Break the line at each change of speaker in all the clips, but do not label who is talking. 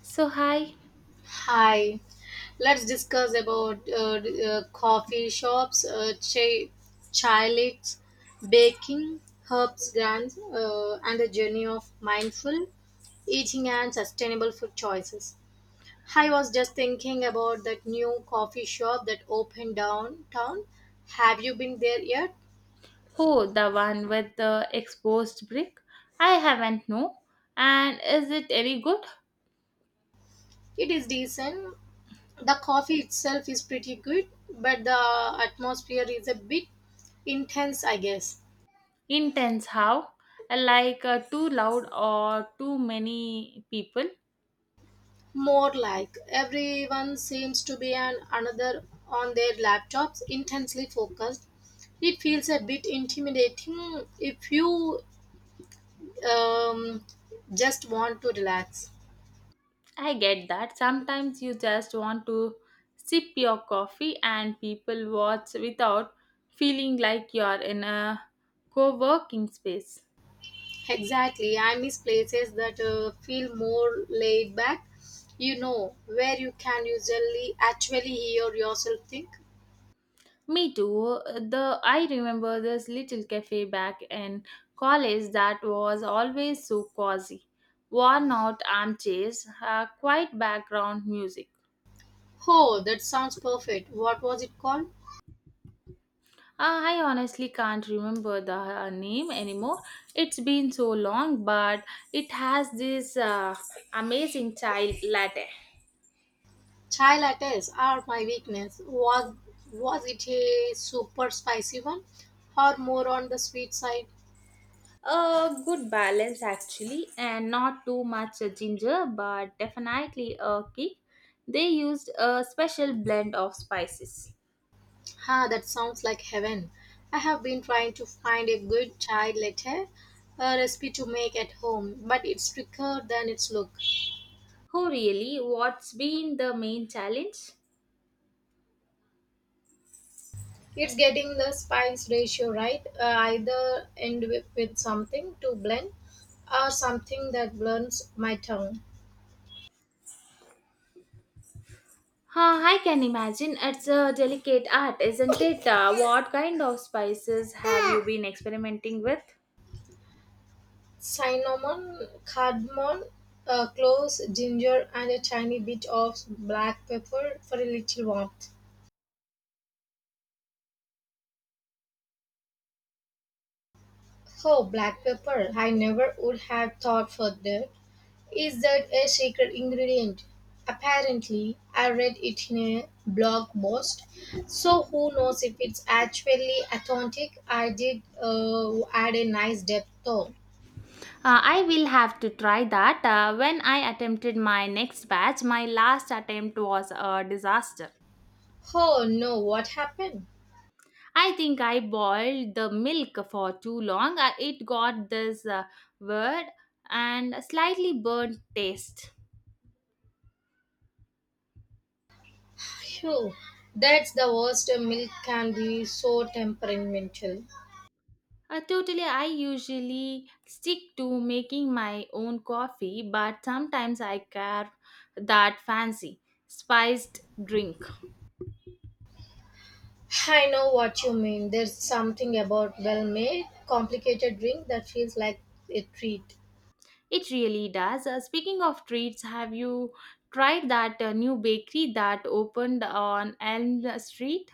So hi.
Hi, let's discuss about coffee shops, chilics, baking, herbs, grants, and the journey of mindful eating and sustainable food choices. I was just thinking about that new coffee shop that opened downtown. Have you been there yet?
Oh, the one with the exposed brick? I haven't, no. And is it any good?
It is decent. The coffee itself is pretty good, but the atmosphere is a bit intense, I guess.
Intense how? Like too loud or too many people?
More like everyone seems to be an another on their laptops, intensely focused. It feels a bit intimidating if you um, just want to relax.
I get that. Sometimes you just want to sip your coffee and people watch without feeling like you're in a co-working space.
Exactly, I miss places that feel more laid back. You know, where you can usually actually hear yourself think.
Me too. The I remember this little cafe back in college that was always so cozy. Worn out armchairs, quiet background music.
Oh, that sounds perfect. What was it called?
I honestly can't remember the name anymore. It's been so long, but it has this amazing child latte.
Chai lattes are my weakness. Was it a super spicy one or more on the sweet side?
A good balance actually, and not too much ginger, but definitely a kick. They used a special blend of spices.
Ha, that sounds like heaven. I have been trying to find a good chai latte recipe to make at home, but it's trickier than it's look.
Oh, really? What's been the main challenge?
It's getting the spice ratio right. Either end with something to blend or something that blends my tongue.
Huh, I can imagine it's a delicate art, isn't it? What kind of spices have you been experimenting with?
Cinnamon, cardamom, cloves, ginger, and a tiny bit of black pepper for a little warmth. Oh, black pepper! I never would have thought for that. Is that a secret ingredient? Apparently, I read it in a blog post. So who knows if it's actually authentic? I did add a nice depth though.
I will have to try that. When I attempted my next batch, my last attempt was a disaster.
Oh no! What happened?
I think I boiled the milk for too long. It got this weird and slightly burnt taste.
Phew, that's the worst. Milk can be so temperamental.
Totally, I usually stick to making my own coffee, but sometimes I carve that fancy spiced drink.
I know what you mean. There's something about well made, complicated drink that feels like a treat.
It really does. Speaking of treats, have you tried that new bakery that opened on Elm Street?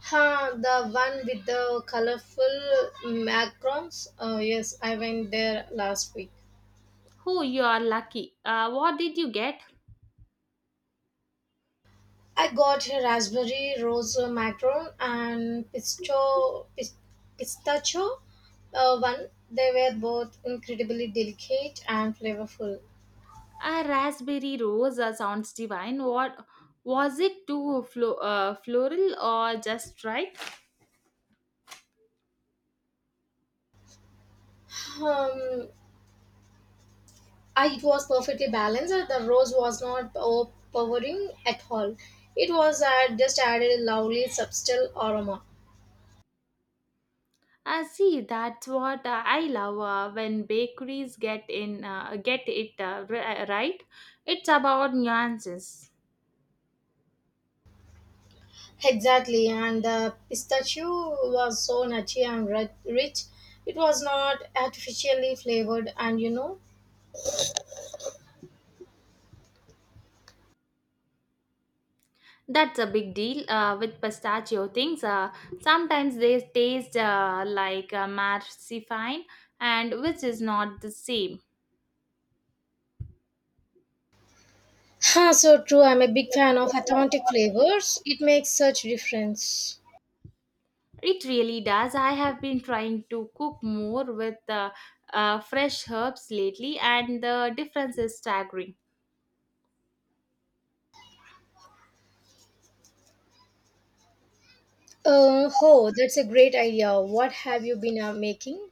Huh, the one with the colorful macarons? Oh, yes, I went there last week.
Oh, you are lucky. What did you get?
I got a raspberry rose macaron and pistachio one. They were both incredibly delicate and flavorful.
A raspberry rose sounds divine. What was it floral or just right?
Um, it was perfectly balanced. The rose was not overpowering at all. It was just added a lovely, subtle aroma.
See, that's what I love when bakeries get it right. It's about nuances.
Exactly, and the pistachio was so nutty and rich. It was not artificially flavored, and you know.
That's a big deal with pistachio things. Sometimes they taste like marzipan, and which is not the same.
Huh, so true. I'm a big fan of authentic flavors. It makes such difference.
It really does. I have been trying to cook more with fresh herbs lately, and the difference is staggering.
Oh, that's a great idea. What have you been making?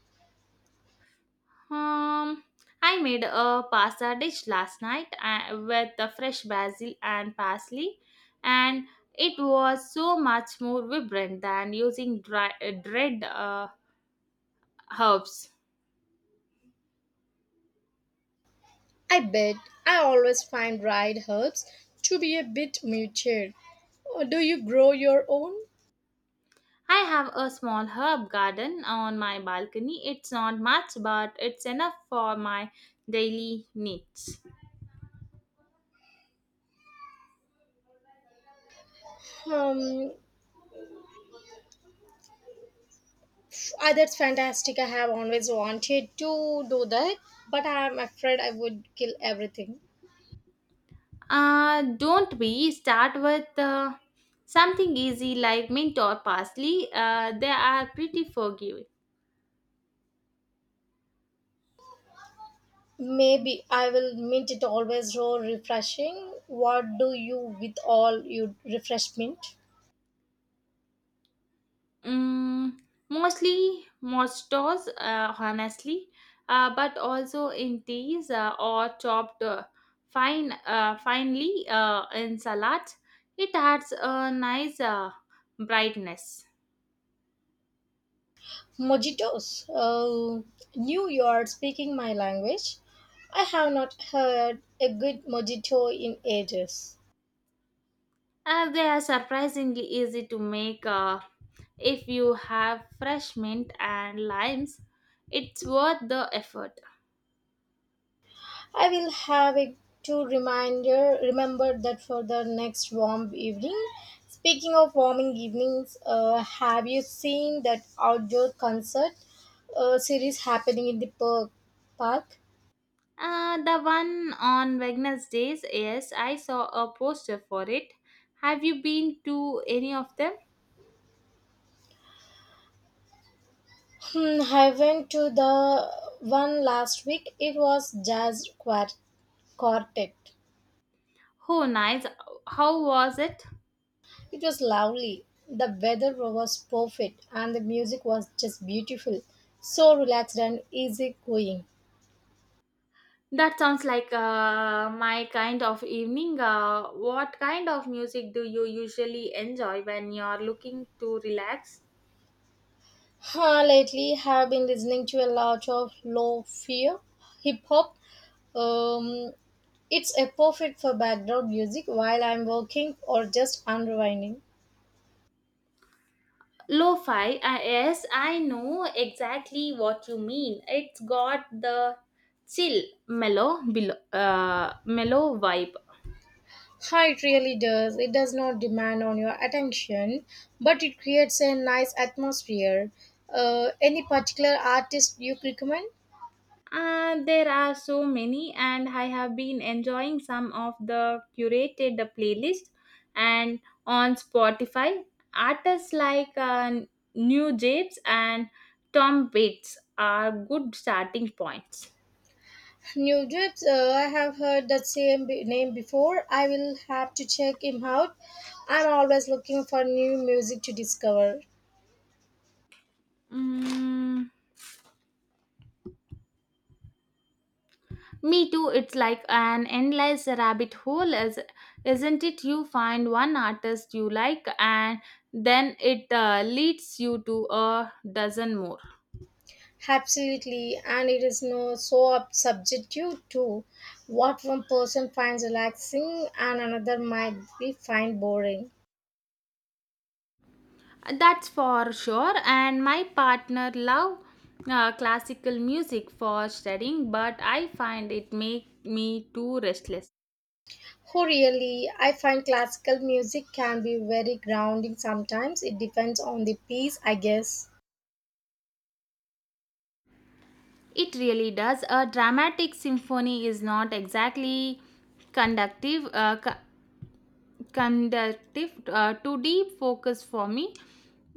Um, I made a pasta dish last night with the fresh basil and parsley, and it was so much more vibrant than using dried herbs.
I bet I always find dried herbs to be a bit muted. Do you grow your own?
I have a small herb garden on my balcony. It's not much, but it's enough for my daily needs.
Um, ah, that's fantastic. I have always wanted to do that, but I'm afraid I would kill everything.
Don't be. Start with something easy like mint or parsley? They are pretty forgiving.
Maybe I will mint it always so refreshing. What do you with all your refreshment?
Mm, mostly mostos, honestly, but also in teas or chopped finely in salads. It adds a nice brightness.
Mojitos. Oh, New York speaking my language. I have not heard a good mojito in ages.
They are surprisingly easy to make if you have fresh mint and limes. It's worth the effort.
I will have it to reminder remember that for the next warm evening. Speaking of warming evenings, have you seen that outdoor concert series happening in the park?
The one on Wednesdays, yes, I saw a poster for it. Have you been to any of them?
Hmm, I went to the one last week. It was quartet.
Oh, nice. How was it?
It was lovely. The weather was perfect and the music was just beautiful. So relaxed and easy going.
That sounds like my kind of evening. What kind of music do you usually enjoy when you're looking to relax?
Ha, lately have been listening to a lot of low fi hip hop. Um, it's a perfect for background music while I'm working or just unwinding.
Lo-fi, yes, I know exactly what you mean. It's got the chill, mellow vibe.
Hi, it really does. It does not demand on your attention, but it creates a nice atmosphere. Any particular artist you recommend?
There are so many, and I have been enjoying some of the curated playlist and on Spotify. Artists like New Japes and Tom Waits are good starting points.
New Drips, I have heard that same name before. I will have to check him out. I'm always looking for new music to discover.
Mm, me too. It's like an endless rabbit hole, is isn't it? You find one artist you like, and then it leads you to a dozen more.
Absolutely, and it is no so subjective to what one person finds relaxing and another might be find boring.
That's for sure. And my partner love classical music for studying, but I find it make me too restless.
Oh, really? I find classical music can be very grounding sometimes. It depends on the piece, I guess.
It really does. A dramatic symphony is not exactly conductive, uh, co- conductive to deep focus for me.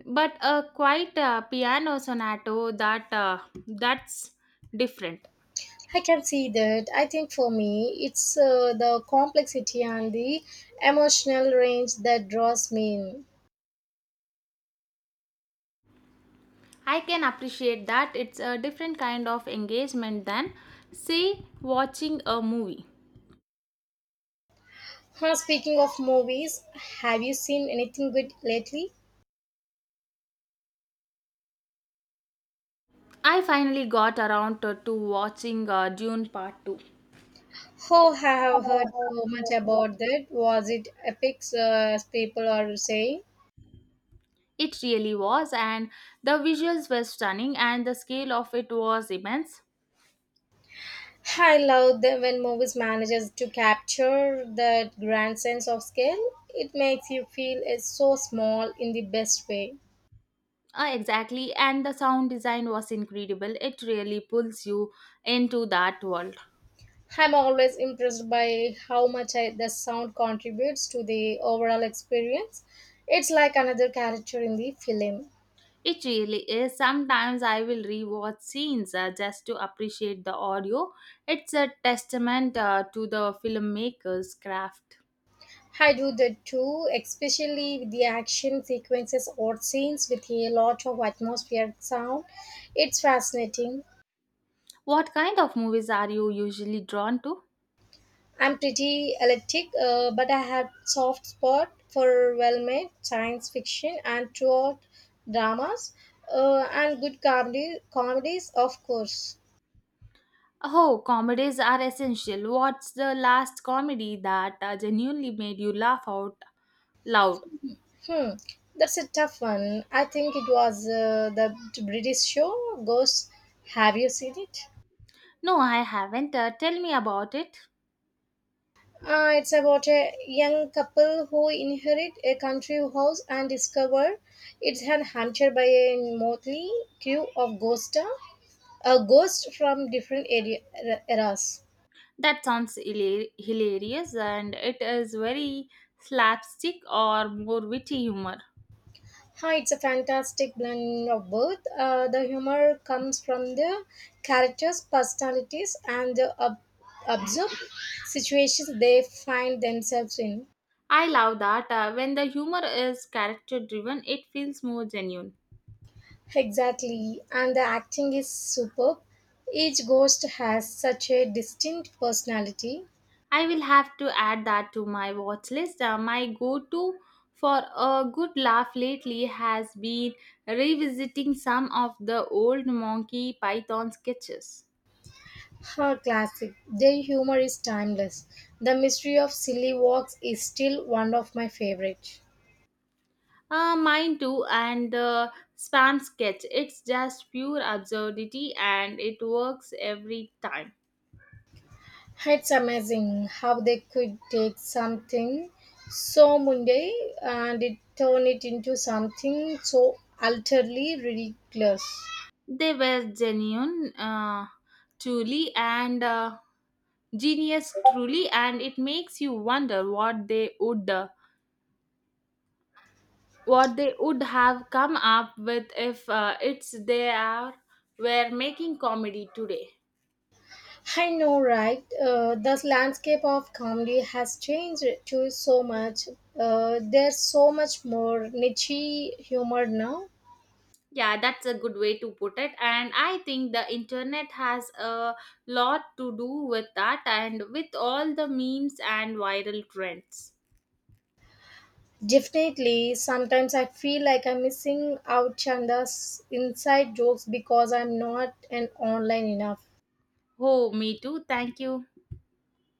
But a quiet piano sonato that's different.
I can see that. I think for me, it's the complexity and the emotional range that draws me in.
I can appreciate that it's a different kind of engagement than, say, watching a movie.
Huh, speaking of movies, have you seen anything good lately?
I finally got around to watching Dune Part 2.
Oh, I have heard so much about that. Was it epic, as people are saying?
It really was, and the visuals were stunning, and the scale of it was immense.
I love that when movies manages to capture that grand sense of scale. It makes you feel it's so small in the best way.
Exactly, and the sound design was incredible. It really pulls you into that world.
I'm always impressed by how much the sound contributes to the overall experience. It's like another character in the film.
It really is. Sometimes I will rewatch scenes just to appreciate the audio. It's a testament to the filmmaker's craft.
I do that too, especially with the action sequences or scenes with a lot of atmospheric sound. It's fascinating.
What kind of movies are you usually drawn to?
I'm pretty eclectic, but I have soft spot for well-made science fiction and throughout dramas, and good comedies, of course.
Oh, comedies are essential. What's the last comedy that genuinely made you laugh out loud?
Hmm, that's a tough one. I think it was the British show Ghosts. Have you seen it?
No, I haven't. Tell me about it.
It's about a young couple who inherit a country house and discover it's an haunted by a motley crew of ghosts, a ghosts from different area, eras.
That sounds hilarious, and it is very slapstick or more witty humor.
Hi, it's a fantastic blend of both. The humor comes from the characters' personalities and the absurd situations they find themselves in.
I love that. When the humor is character driven, it feels more genuine.
Exactly, and the acting is superb. Each ghost has such a distinct personality.
I will have to add that to my watch list. My go to for a good laugh lately has been revisiting some of the old Monkey Python sketches.
Her classic. Their humor is timeless. The mystery of silly walks is still one of my favorites.
Mine too, and spam sketch. It's just pure absurdity and it works every time.
It's amazing how they could take something so mundane and it turn it into something so utterly ridiculous.
They were truly, and genius, truly, and it makes you wonder what what they would have come up with if it's they are were making comedy today.
I know, right? The landscape of comedy has changed too so much. There's so much more niche humor now.
Yeah, that's a good way to put it, and I think the internet has a lot to do with that, and with all the memes and viral trends.
Definitely, sometimes I feel like I'm missing out on the inside jokes because I'm not an online enough.
Oh, me too. Thank you.